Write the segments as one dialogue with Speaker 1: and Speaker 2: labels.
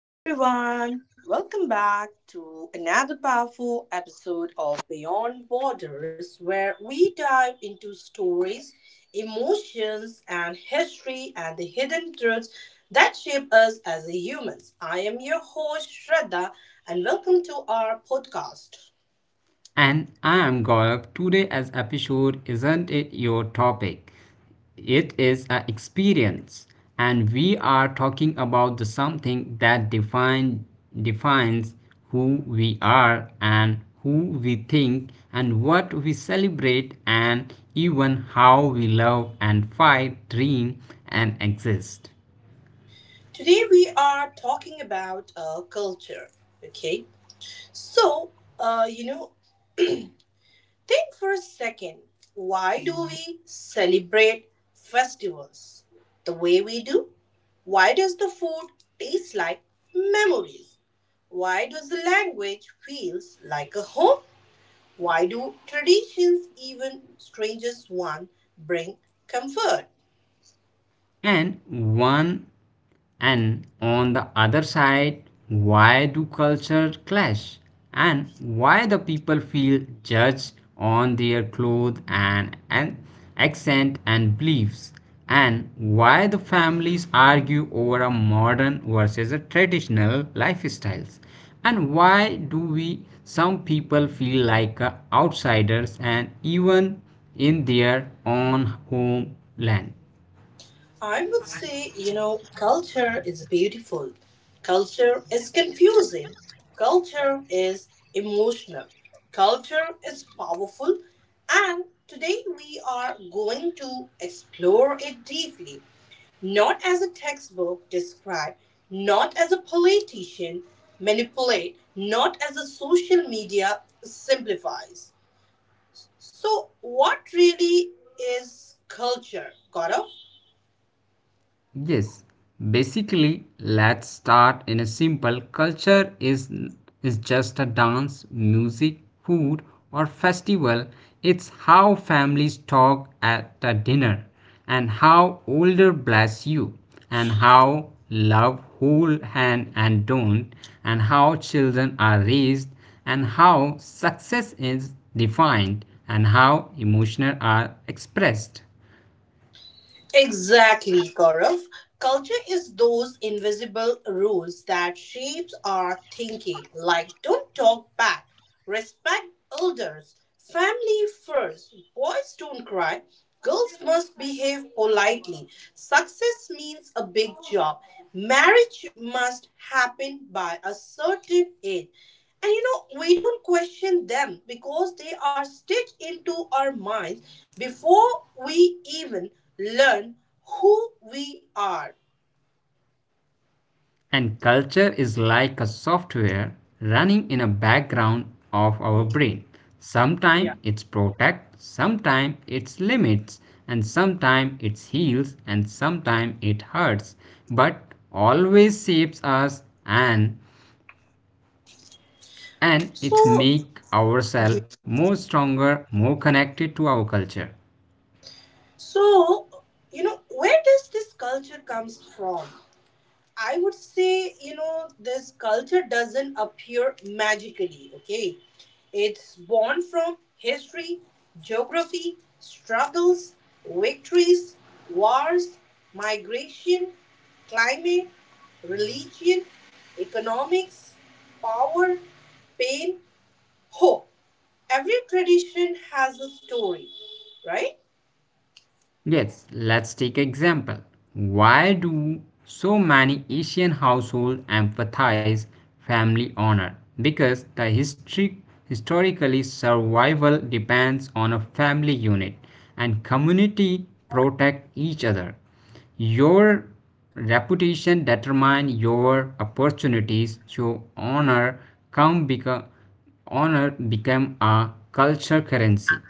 Speaker 1: Hello, everyone. Welcome back to another powerful episode of Beyond Borders, where we dive into stories, emotions, and history and the hidden truths that shape us as humans. I am your host, Shraddha, and welcome to our podcast.
Speaker 2: And I am Gaurav. Today as episode isn't it your topic, it is an experience. And we are talking about the something that defines who we are and who we think and what we celebrate and even how we love and fight, dream and exist.
Speaker 1: Today, we are talking about culture. Okay, so uh, you know, think for a second. Why do we celebrate festivals the way we do? Why does the food taste like memories? Why does the language feels like a home? Why do traditions, even strangest one, bring comfort?
Speaker 2: and one and on the other side, why do culture clash and why the people feel judged on their clothes and accent and beliefs, and why the families argue over a modern versus a traditional lifestyles, and why do we some people feel like outsiders and even in their own homeland.
Speaker 1: I would say, you know, culture is beautiful. Culture is confusing. Culture is emotional. Culture is powerful. And today we are going to explore it deeply, not as a textbook describe, not as a politician manipulate, not as a social media simplifies. So, what really is culture, Gaurav?
Speaker 2: Yes, basically, let's start in a simple culture is just a dance, music, food or festival. It's how families talk at a dinner, and how older bless you, and how love hold hand and don't, and how children are raised, and how success is defined, and how emotional are expressed.
Speaker 1: Exactly, Gaurav. Culture is those invisible rules that shapes our thinking, like don't talk back, respect elders, family first, boys don't cry, girls must behave politely, success means a big job, marriage must happen by a certain age. And you know, we don't question them because they are stitched into our minds before we even learn who we are.
Speaker 2: And culture is like a software running in a background of our
Speaker 1: Mhm.
Speaker 2: brain.
Speaker 1: Yeah.
Speaker 2: Sometimes it's protect, sometimes it's limits, and sometimes it heals, and sometimes it hurts, but always shapes us and it
Speaker 1: So,
Speaker 2: make ourselves
Speaker 1: Mhm.
Speaker 2: more stronger, more connected to our culture.
Speaker 1: so you know, where does this culture comes from? I would say, you know, this culture doesn't appear magically, okay? It's born from history, geography, struggles, victories, wars, migration, climate, religion, economics, power, pain, hope. Every tradition has a story, right?
Speaker 2: Yes, let's take example. Why do so many Asian households emphasize family honor? Because the history historically survival depends on a family unit and community protect each other. Your reputation determine your
Speaker 1: Yeah.
Speaker 2: opportunities, so honor come become honor become a culture currency.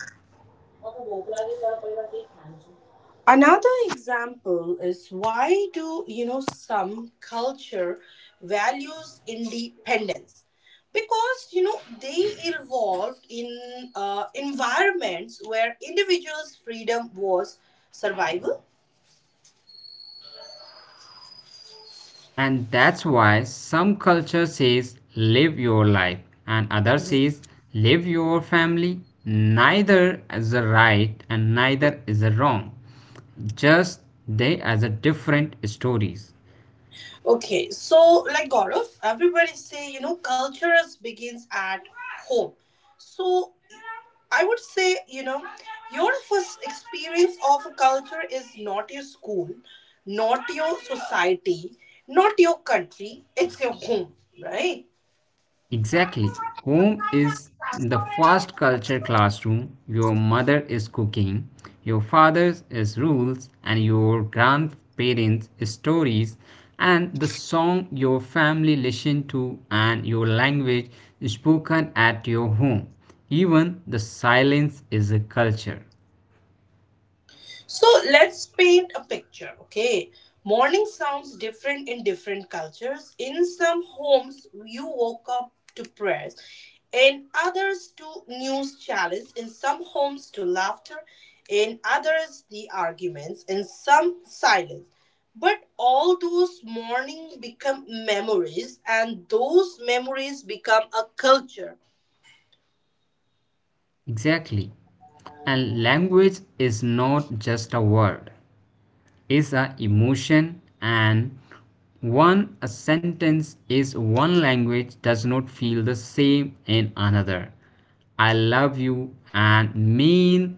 Speaker 1: Another example is why do you know some culture values independence? Because you know they evolved in environments where individuals' freedom was survival.
Speaker 2: And that's why some culture says live your life and other
Speaker 1: Mhm.
Speaker 2: says live your family. Neither is a right and neither is a wrong. Just they as a different stories.
Speaker 1: Okay, so like Gaurav, everybody say you know cultures begins at home. So I would say, you know, your first experience of a culture is not your school, not your society, not your country, it's your home, right?
Speaker 2: Exactly. Home is the fast culture classroom. Your mother is cooking, your father is rules, and your grandparents' stories, and the song your family listened to, and your language spoken at your home. Even the silence is a culture.
Speaker 1: So let's paint a picture, okay? Morning sounds different in different cultures. In some homes, you woke up to prayers, in others, to news challenge, in some homes, to laughter, in others, the arguments, in some, silence. But all those mornings become memories, and those memories become a culture.
Speaker 2: Exactly. And language is not just a word. Is a emotion and one a sentence is one language does not feel the same in another. I love you and mean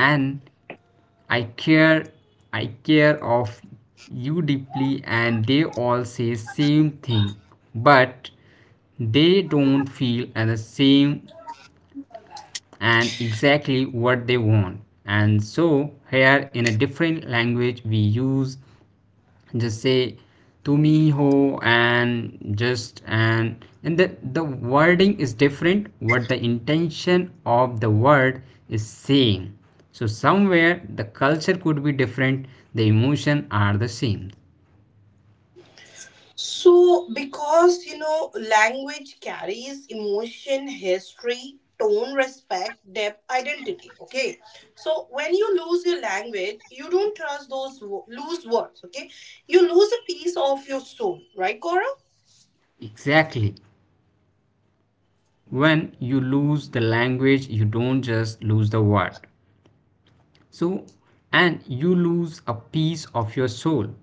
Speaker 2: and I care I care of you deeply, and they all say same thing, but they don't feel the same and exactly what they want. And so here in a different language we use just say to me ho and just and and the wording is different what the intention of the word is saying. So somewhere the culture could be different, the emotion are the same.
Speaker 1: So, because you know, language carries emotion, history, tone, respect, depth, identity. Okay. So, when you lose your language, you don't trust those loose words. Okay. You lose a piece of your soul, right, Cora?
Speaker 2: Exactly. When you lose the language you don't just lose the word. So, and you lose a piece of your soul.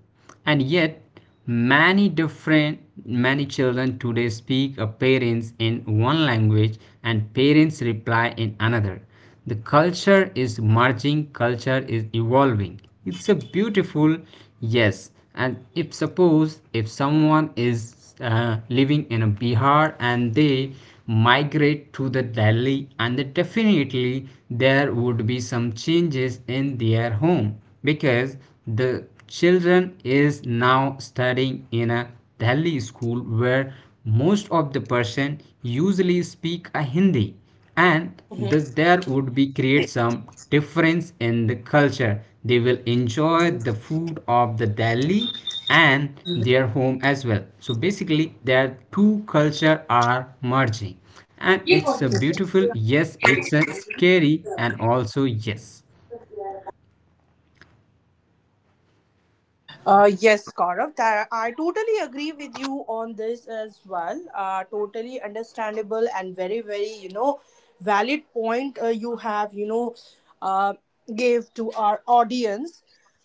Speaker 2: And yet, many different, many children today speak a parents in one language and parents reply in another. The culture is merging, culture is evolving. It's a beautiful yes. And if suppose if someone is living in a Bihar and they migrate to the Delhi, and then definitely there would be some changes in their home because the children is now studying in a Delhi school where most of the person usually speak a Hindi, and there would be create some difference in the culture. They will enjoy the food of the Delhi and their home as well, so basically their two culture are merging and it's a beautiful yes, it's a scary and also yes
Speaker 1: Yes, Gaurav, that I totally agree with you on this as well. Totally understandable and very, very, you know, valid point you have, uh, gave to our audience.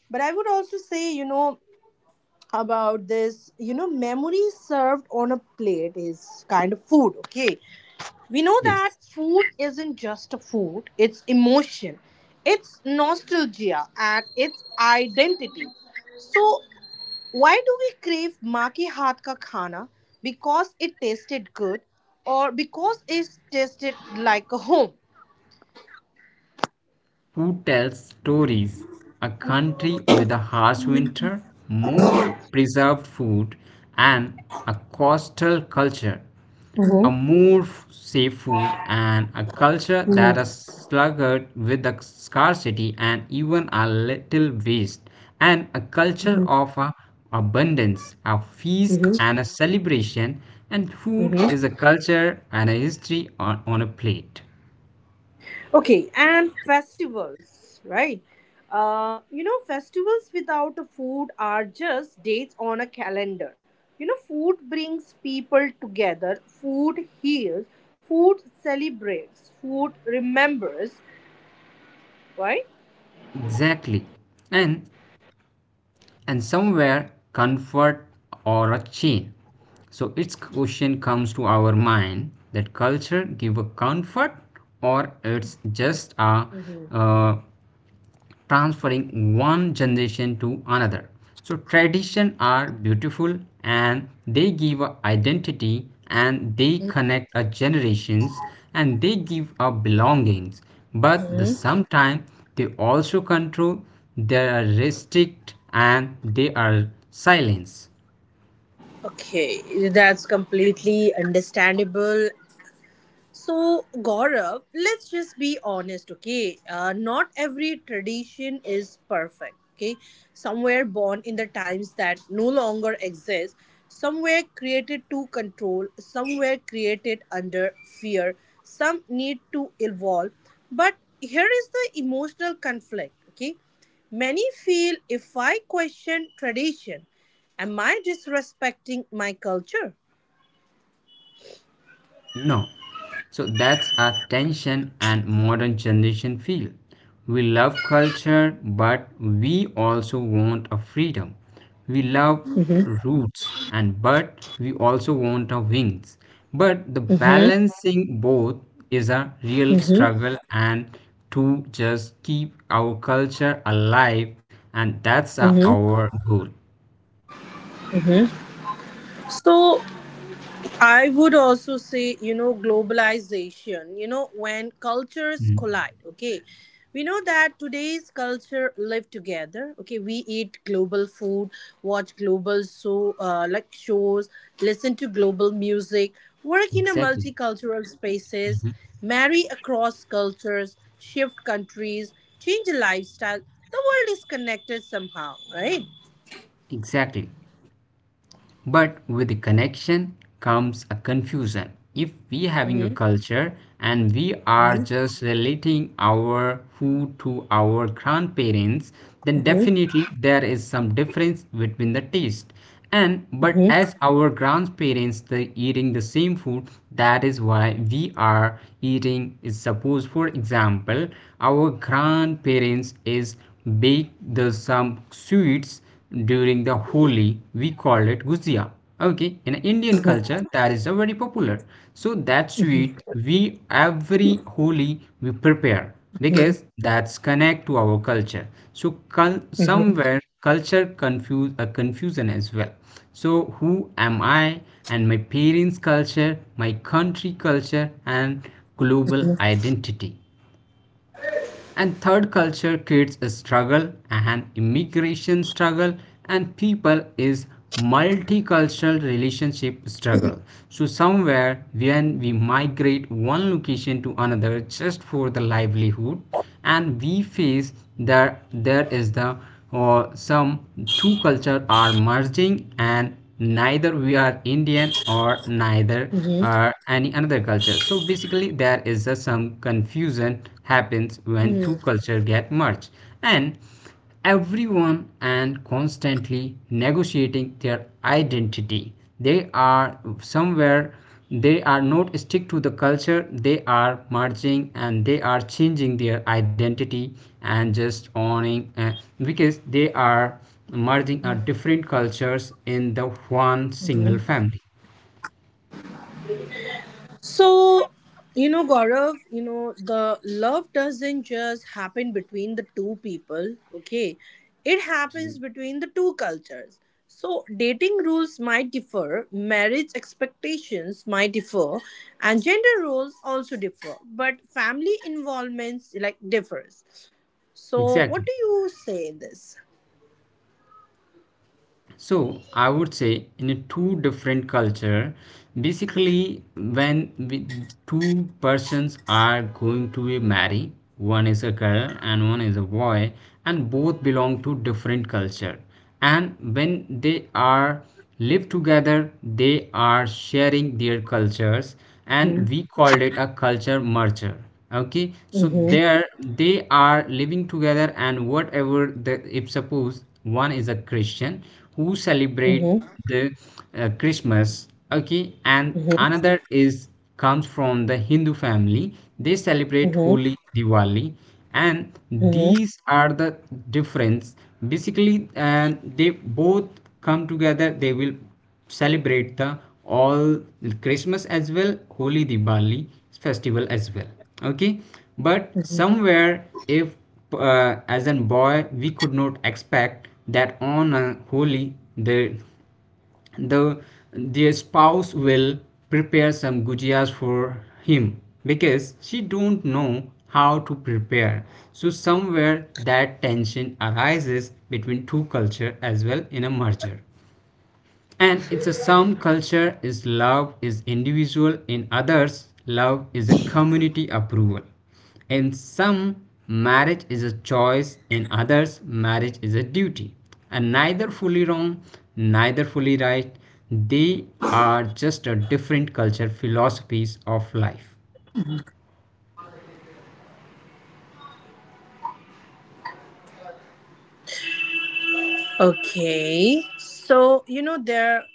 Speaker 1: But I would also say, you know, about this you know memory served on a plate is kind of food. Okay, we know that
Speaker 2: yes.
Speaker 1: food isn't just a food, it's emotion, it's nostalgia and it's identity. So why do we crave maa ke haath ka khana? Because it tasted good, or because it tasted like a home.
Speaker 2: Who tells stories. A country with a harsh winter, more preserved food, and a coastal culture.
Speaker 1: Mm-hmm.
Speaker 2: A more safe food and a culture that is sluggard with a scarcity and even a little waste. And a culture of a abundance, a feast and a celebration. And food
Speaker 1: Mm-hmm.
Speaker 2: is a culture and a history on a plate.
Speaker 1: Okay, and festivals, right? You know, festivals without a food are just dates on a calendar. You know, food brings people together, food heals, food celebrates, food remembers, right?
Speaker 2: Exactly. And and somewhere comfort or a chain. So its question comes to our mind that culture give a comfort or it's just a uh, transferring one generation to another. So traditions are beautiful and they give a identity and they connect a generations and they give a belongings. But the sometime they also control, they are restrict and they are silence.
Speaker 1: Okay, that's completely understandable. So, Gaurav, let's just be honest, okay? Not every tradition is perfect, okay? Somewhere born in the times that no longer exist, somewhere created to control, somewhere created under fear, some need to evolve. But here is the emotional conflict, okay? Many feel if I question tradition, am I disrespecting my culture?
Speaker 2: No. So that's a tension and modern generation feel. We love culture, but we also want a freedom. We love
Speaker 1: Mm-hmm.
Speaker 2: roots and but we also want our wings. But the
Speaker 1: Mm-hmm.
Speaker 2: balancing both is a real
Speaker 1: Mm-hmm.
Speaker 2: struggle, and to just keep our culture alive, and that's
Speaker 1: Mm-hmm.
Speaker 2: our goal.
Speaker 1: So I would also say, you know, globalization, you know, when cultures
Speaker 2: Mm.
Speaker 1: collide, okay. We know that today's culture live together. Okay, we eat global food, watch global so like shows, listen to global music, work in a
Speaker 2: Exactly.
Speaker 1: multicultural spaces, marry across cultures, shift countries, change lifestyle. The world is connected somehow, right?
Speaker 2: Exactly. But with the connection comes a confusion. If we having a
Speaker 1: Mm-hmm.
Speaker 2: culture and we are
Speaker 1: Mm-hmm.
Speaker 2: just relating our food to our grandparents, then
Speaker 1: Mm-hmm.
Speaker 2: definitely there is some difference between the taste. And but
Speaker 1: Mm-hmm.
Speaker 2: as our grandparents the eating the same food, that is why we are eating is suppose for example our grandparents is bake the some sweets during the Holi, we call it gujia. Okay, in Indian culture, that is a very popular. So that sweet we every Holi we prepare because that's connect to our culture. So somewhere culture confuse a confusion as well. So who am I and my parents' culture, my country culture, and global identity and third culture creates a struggle, an immigration struggle, and people is multicultural relationship struggle. So somewhere when we migrate one location to another just for the livelihood, and we face that there is the or some two culture are merging and neither we are Indian or neither
Speaker 1: Mm-hmm.
Speaker 2: are any another culture. So basically there is a, some confusion happens when two culture get merged, and everyone and constantly negotiating their identity. They are somewhere they are not stick to the culture, they are merging and they are changing their identity and just owning because they are merging different cultures in the one single family.
Speaker 1: So, you know, Gaurav, you know, the love doesn't just happen between the two people, okay? It happens between the two cultures. So, dating rules might differ, marriage expectations might differ, and gender roles also differ, but family involvements like differs. So, what
Speaker 2: Exactly.
Speaker 1: do you say in this?
Speaker 2: So I would say in a two different culture, basically when we, two persons are going to be married, one is a girl and one is a boy, and both belong to different culture. And when they are live together, they are sharing their cultures, and
Speaker 1: Mm-hmm.
Speaker 2: we called it a culture merger. Okay, so
Speaker 1: Hmm.
Speaker 2: there they are living together, and whatever the if suppose one is a Christian who celebrate
Speaker 1: Hmm.
Speaker 2: the Christmas, okay, and
Speaker 1: Hmm.
Speaker 2: another is comes from the Hindu family, they celebrate Holi, Diwali, and
Speaker 1: Hmm.
Speaker 2: these are the difference basically, and they both come together, they will celebrate the all Christmas as well, Holy Diwali festival as well. Okay, but
Speaker 1: Hmm.
Speaker 2: somewhere if as a boy we could not expect that on a holy the their spouse will prepare some gujias for him, because she don't know how to prepare. So somewhere that tension arises between two culture as well in a merger. And it's a some culture is love is individual, in others love is a community approval. In some marriage is a choice, in others marriage is a duty. And neither fully wrong, neither fully right. They are just a different culture philosophies of life.
Speaker 1: Okay. So, you know, there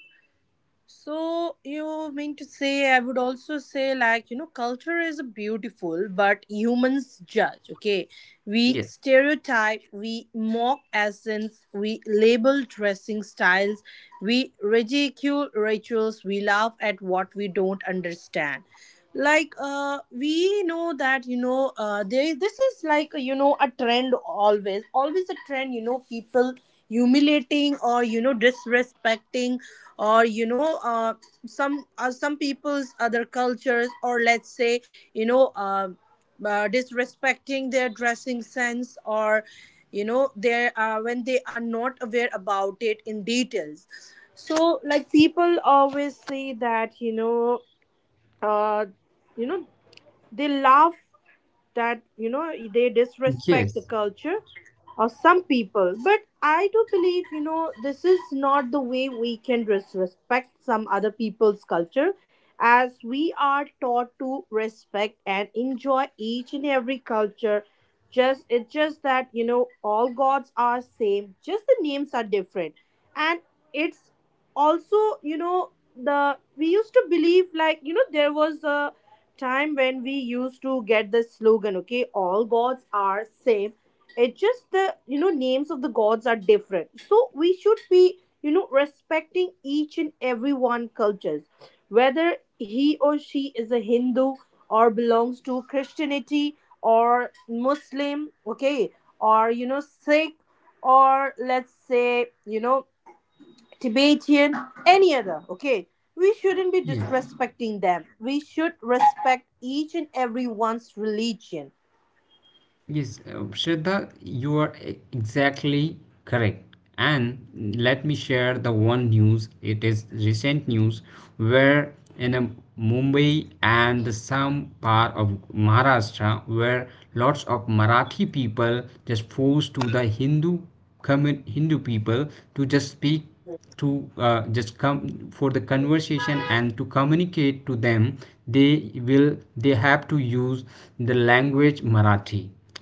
Speaker 1: So you mean to say I would also say like you know culture is beautiful but humans judge, okay? We
Speaker 2: Yes.
Speaker 1: stereotype, we mock essence, we label dressing styles, we ridicule rituals, we laugh at what we don't understand. Like we know that you know there this is like you know a trend, always, always a trend, you know, people humiliating or you know disrespecting or some people's other cultures, or let's say you know disrespecting their dressing sense, or you know they when they are not aware about it in details. So like people always say that uh, you know they laugh that you know they disrespect the
Speaker 2: Yes.
Speaker 1: culture of some people. But I do believe you know this is not the way we can disrespect some other people's culture, as we are taught to respect and enjoy each and every culture. Just it's just that you know all gods are same, just the names are different. And it's also you know the we used to believe like you know there was a time when we used to get the slogan, okay, all gods are same, it's just the you know names of the gods are different. So we should be you know respecting each and every one cultures, whether he or she is a Hindu or belongs to Christianity or Muslim, okay, or you know Sikh, or let's say you know Tibetan, any other, okay? We shouldn't be
Speaker 2: Yes.
Speaker 1: disrespecting them. We should respect each and everyone's religion.
Speaker 2: Yes, Shraddha, you are exactly correct. And let me share the one news. It is recent news where in a Mumbai and the some part of Maharashtra, where lots of Marathi people just forced to the Hindu Hindu people to just speak to just come for the conversation, and to communicate to them they will they have to use the language Marathi.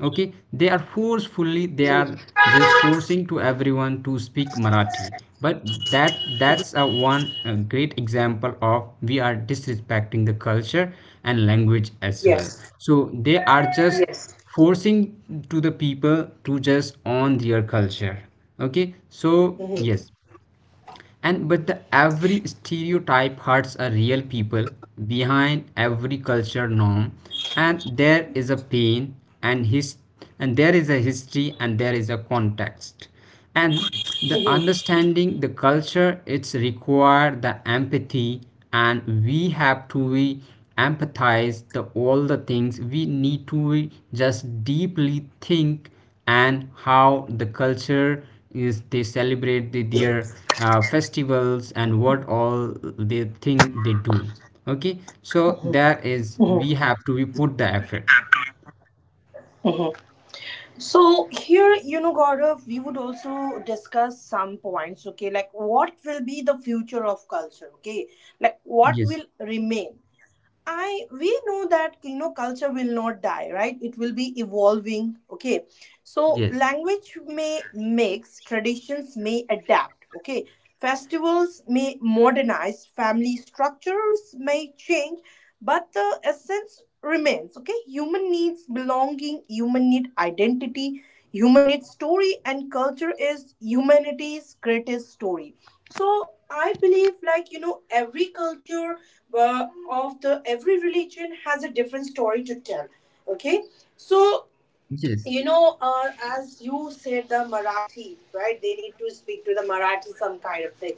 Speaker 2: Okay, they are forcefully they are just forcing to everyone to speak Marathi. But that that's a one great example of we are disrespecting the culture and language as well.
Speaker 1: Yes.
Speaker 2: So they are just forcing to the people to just own their culture. Okay, so
Speaker 1: Mhm.
Speaker 2: yes. And but the every stereotype hurts a real people behind every culture norm, and there is a pain and his and there is a history and there is a context. And the understanding the culture, it's require the empathy, and we have to we empathize the all the things we need to we just deeply think. And how the culture is they celebrate the, their festivals and what all the thing they do. Okay, so there is we have to we put the effort.
Speaker 1: So here, you know, Gaurav, we would also discuss some points, okay? Like what will be the future of culture, okay? Like what
Speaker 2: Yes.
Speaker 1: will remain? I we know that you know culture will not die, right? It will be evolving, okay? So
Speaker 2: Yes.
Speaker 1: language may mix, traditions may adapt, okay? Festivals may modernize, family structures may change, but the essence remains, okay? Human needs belonging, human need identity, human need story, and culture is humanity's greatest story. So I believe, like, you know, every culture of the every religion has a different story to tell, okay? So
Speaker 2: Yes.
Speaker 1: you know, as you said, the Marathi, right? They need to speak to the Marathi, some kind of thing.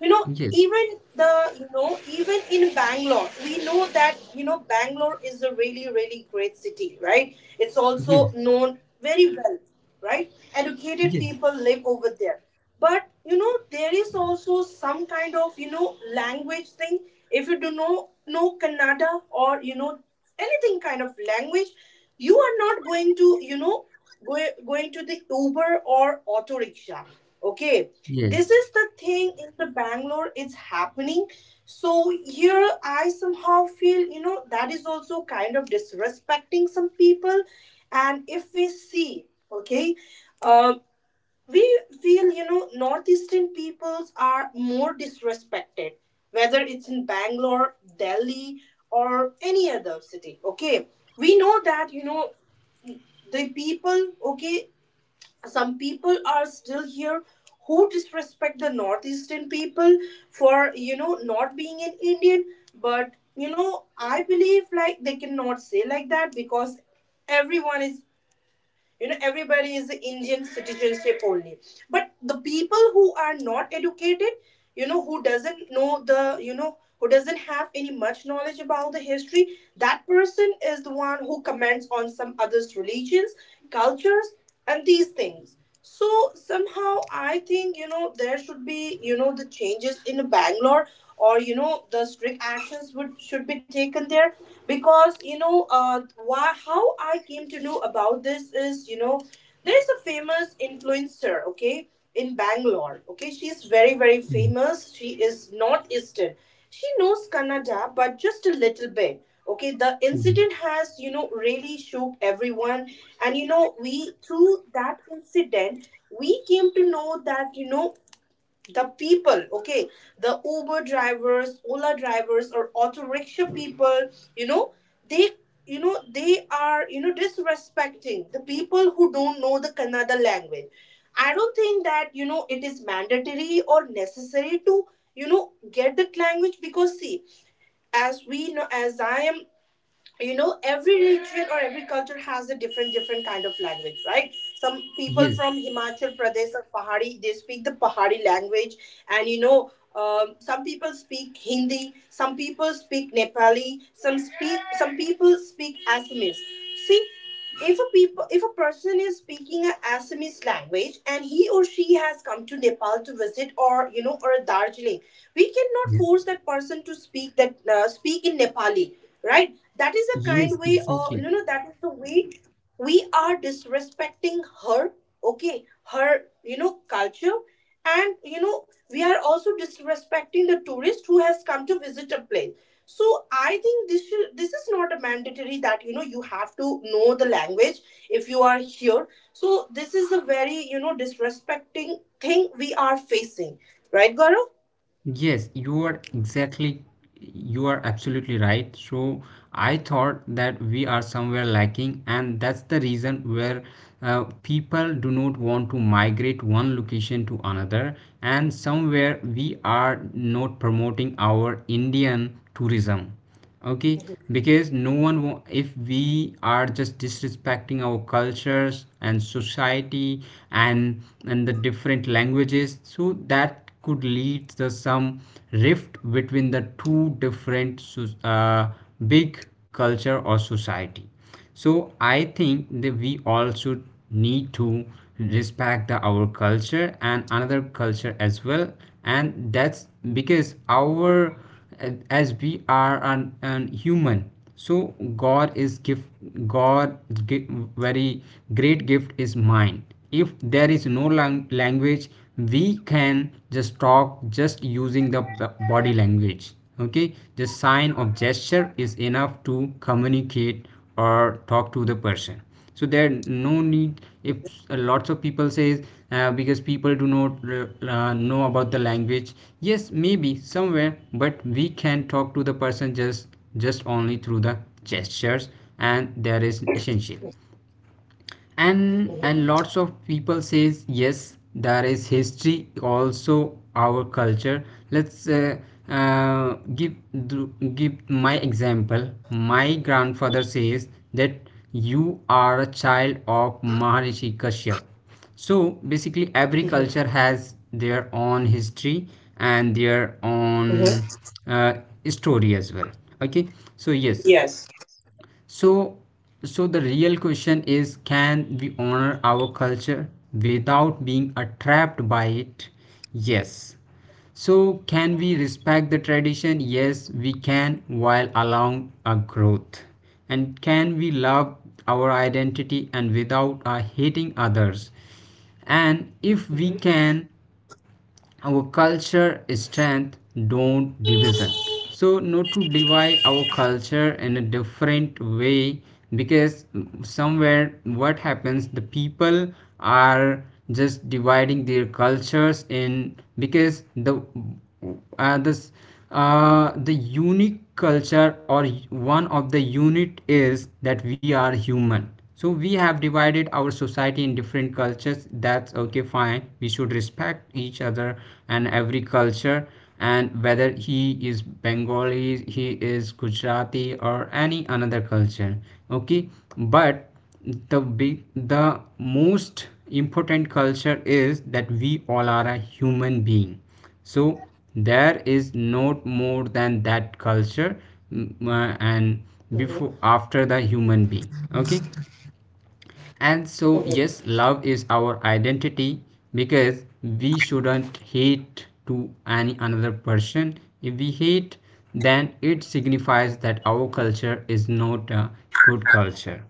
Speaker 1: You know,
Speaker 2: Yes.
Speaker 1: even the, you know, even in Bangalore, we know that, you know, Bangalore is a really, really great city, right? It's also
Speaker 2: Yes.
Speaker 1: known very well, right? Educated
Speaker 2: Yes.
Speaker 1: people live over there. But, you know, there is also some kind of, you know, language thing. If you do know Kannada or, you know, anything kind of language you are not going to you know go, going to the Uber or auto rickshaw, okay? This
Speaker 2: Yes.
Speaker 1: is the thing in the Bangalore it's happening. So here I somehow feel you know that is also kind of disrespecting some people. And if we see, okay, um, we feel you know northeastern peoples are more disrespected, whether it's in Bangalore, Delhi or any other city, okay? We know that you know the people, okay, some people are still here who disrespect the northeastern people for you know not being an Indian. But you know I believe like they cannot say like that because everyone is you know everybody is Indian citizenship only. But the people who are not educated, you know, who doesn't know the you know who doesn't have any much knowledge about the history, that person is the one who comments on some others religions, cultures and these things. So somehow I think you know there should be you know the changes in Bangalore, or you know the strict actions would should be taken there. Because you know why how I came to know about this is you know there is a famous influencer, okay, in Bangalore. Okay, she is very, very famous. She is northeastern. She knows Kannada, but just a little bit. Okay, the incident
Speaker 2: Yes.
Speaker 1: has, you know, really shook everyone. And, you know, we, through that incident, we came to know that, you know, the people, okay, the Uber drivers, Ola drivers or auto rickshaw people, you know, they you know they are you know disrespecting the people who don't know the Kannada language. I don't think that you know it is mandatory or necessary to you know get that language. Because see, as we know as I am you know every region or every culture has a different different kind of language, right? Some people from
Speaker 2: Yes.
Speaker 1: Himachal Pradesh or Pahari they speak the Pahari language. And you know, some people speak Hindi, some people speak Nepali, some speak some people speak Assamese. See, if a people if a person is speaking a Assamese language and he or she has come to Nepal to visit or you know or Darjeeling, we cannot
Speaker 2: Yeah.
Speaker 1: force that person to speak that speak in Nepali, right? That is a
Speaker 2: Yes,
Speaker 1: kind way or
Speaker 2: exactly.
Speaker 1: you know that is the way we are disrespecting her, okay, her you know culture, and you know we are also disrespecting the tourist who has come to visit a place. So I think this should, this is not a mandatory that you know you have to know the language if you are here. So this is a very you know disrespecting thing we are facing, right, Gaurav?
Speaker 2: Yes, you are exactly, you are absolutely right. So I thought that we are somewhere lacking, and that's the reason where people do not want to migrate one location to another. And somewhere we are not promoting our Indian tourism. Okay, because no one if we are just disrespecting our cultures and society and and the different languages, so that could lead to some rift between the two different big culture or society. So I think that we all should need to respect the, our culture and another culture as well. And that's because our as we are an human, so god is gift. God gi- very great gift is mind. If there is no language, we can just talk just using the body language. Okay, the sign of gesture is enough to communicate or talk to the person. So there no need if lots of people says because people do not know about the language. Yes, maybe somewhere, but we can talk to the person just only through the gestures, and that is essential. And lots of people says yes there is history also our culture. Let's give Give my example, my grandfather says that you are a child of Maharishi Kashyap. So basically every culture has their own history and their own
Speaker 1: Mm-hmm.
Speaker 2: uh, story as well. Okay, so yes.
Speaker 1: Yes.
Speaker 2: So so the real question is can we honor our culture without being trapped by it. Yes. So can we respect the tradition, yes we can, while allowing a growth. And can we love our identity and without hating others. And if we can, our culture is strength, don't division. So not to divide our culture in a different way, because somewhere what happens the people are just dividing their cultures in because the this the unique culture or one of the unit is that we are human. So we have divided our society in different cultures, that's okay fine, we should respect each other and every culture. And whether he is Bengali, he is Gujarati, or any another culture, okay. But the big the most important culture is that we all are a human being. So there is not more than that culture. And before after the human being, okay. And so, yes, love is our identity, because we shouldn't hate to any another person. If we hate, then it signifies that our culture is not a good culture.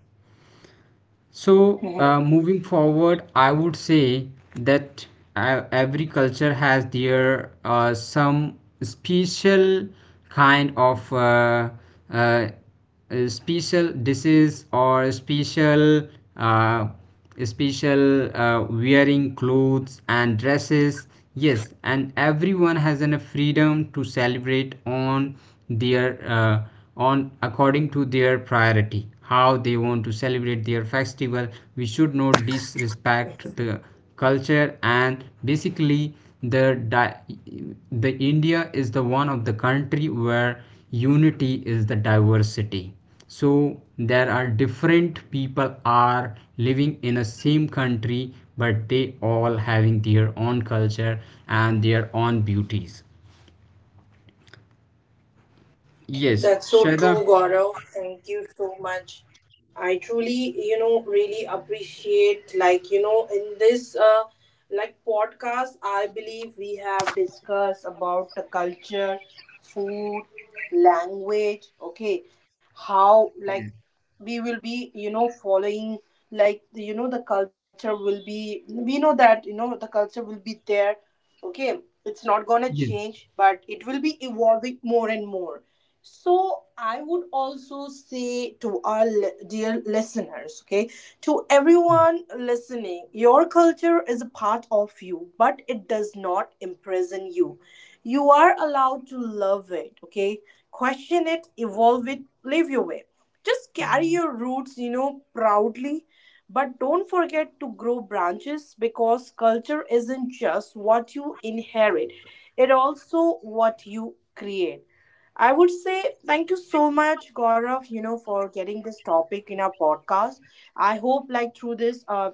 Speaker 2: So, moving forward, I would say that every culture has their some special kind of uh, special disease or uh, special wearing clothes and dresses. Yes, and everyone has a freedom to celebrate on their uh, on according to their priority how they want to celebrate their festival. We should not disrespect the culture. And basically the di- the India is the one of the country where unity is the diversity. So there are different people are living in the same country, but they all having their own culture and their own beauties. Yes,
Speaker 1: That's so
Speaker 2: Shraddha.
Speaker 1: true, Gaurav. Thank you so much. I truly, you know, really appreciate, like, you know, in this, like, podcast, I believe we have discussed about the culture, food, language, okay, how, like,
Speaker 2: Yes.
Speaker 1: we will be, you know, following, like, you know, the culture will be, we know that, you know, the culture will be there, okay, it's not going to
Speaker 2: Yes.
Speaker 1: change but it will be evolving more and more. So I would also say to our dear listeners, okay, to everyone listening, your culture is a part of you but it does not imprison you. You are allowed to love it, okay, question it, evolve it, live your way. Just carry your roots, you know, proudly, but don't forget to grow branches because culture isn't just what you inherit, it also what you create. I would say thank you so much, Gaurav, you know, for getting this topic in our podcast. I hope, like, through this,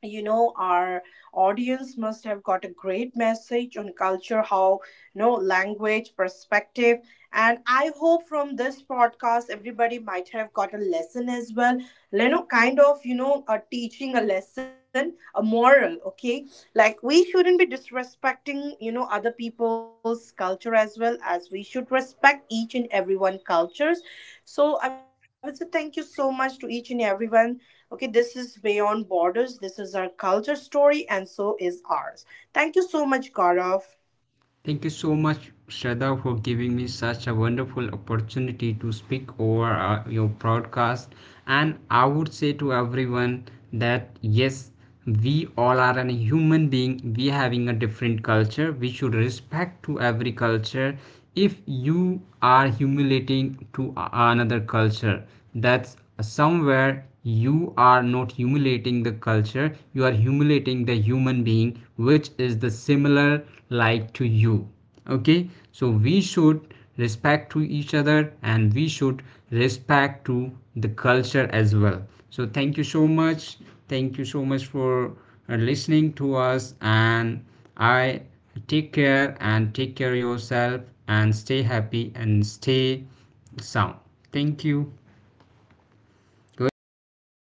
Speaker 1: you know our audience must have got a great message on culture how you know language perspective. And I hope from this podcast everybody might have got a lesson as well, you know, kind of you know a teaching a lesson a moral, okay, like we shouldn't be disrespecting you know other people's culture as well as we should respect each and everyone cultures. So I would say thank you so much to each and everyone. Okay, this is Beyond Borders. This is our culture story, and so is ours. Thank you so much, Gaurav.
Speaker 2: Thank you so much, Shraddha, for giving me such a wonderful opportunity to speak over your broadcast. And I would say to everyone that yes, we all are a human being. We having a different culture. We should respect to every culture. If you are humiliating to another culture, that's somewhere you are not humiliating the culture, you are humiliating the human being which is the similar like to you. Okay, so we should respect to each other and we should respect to the culture as well. So thank you so much. Thank you so much for listening to us. And I take care and take care yourself, and stay happy and stay sound. Thank you.
Speaker 1: Thank
Speaker 2: Goodbye.
Speaker 1: you.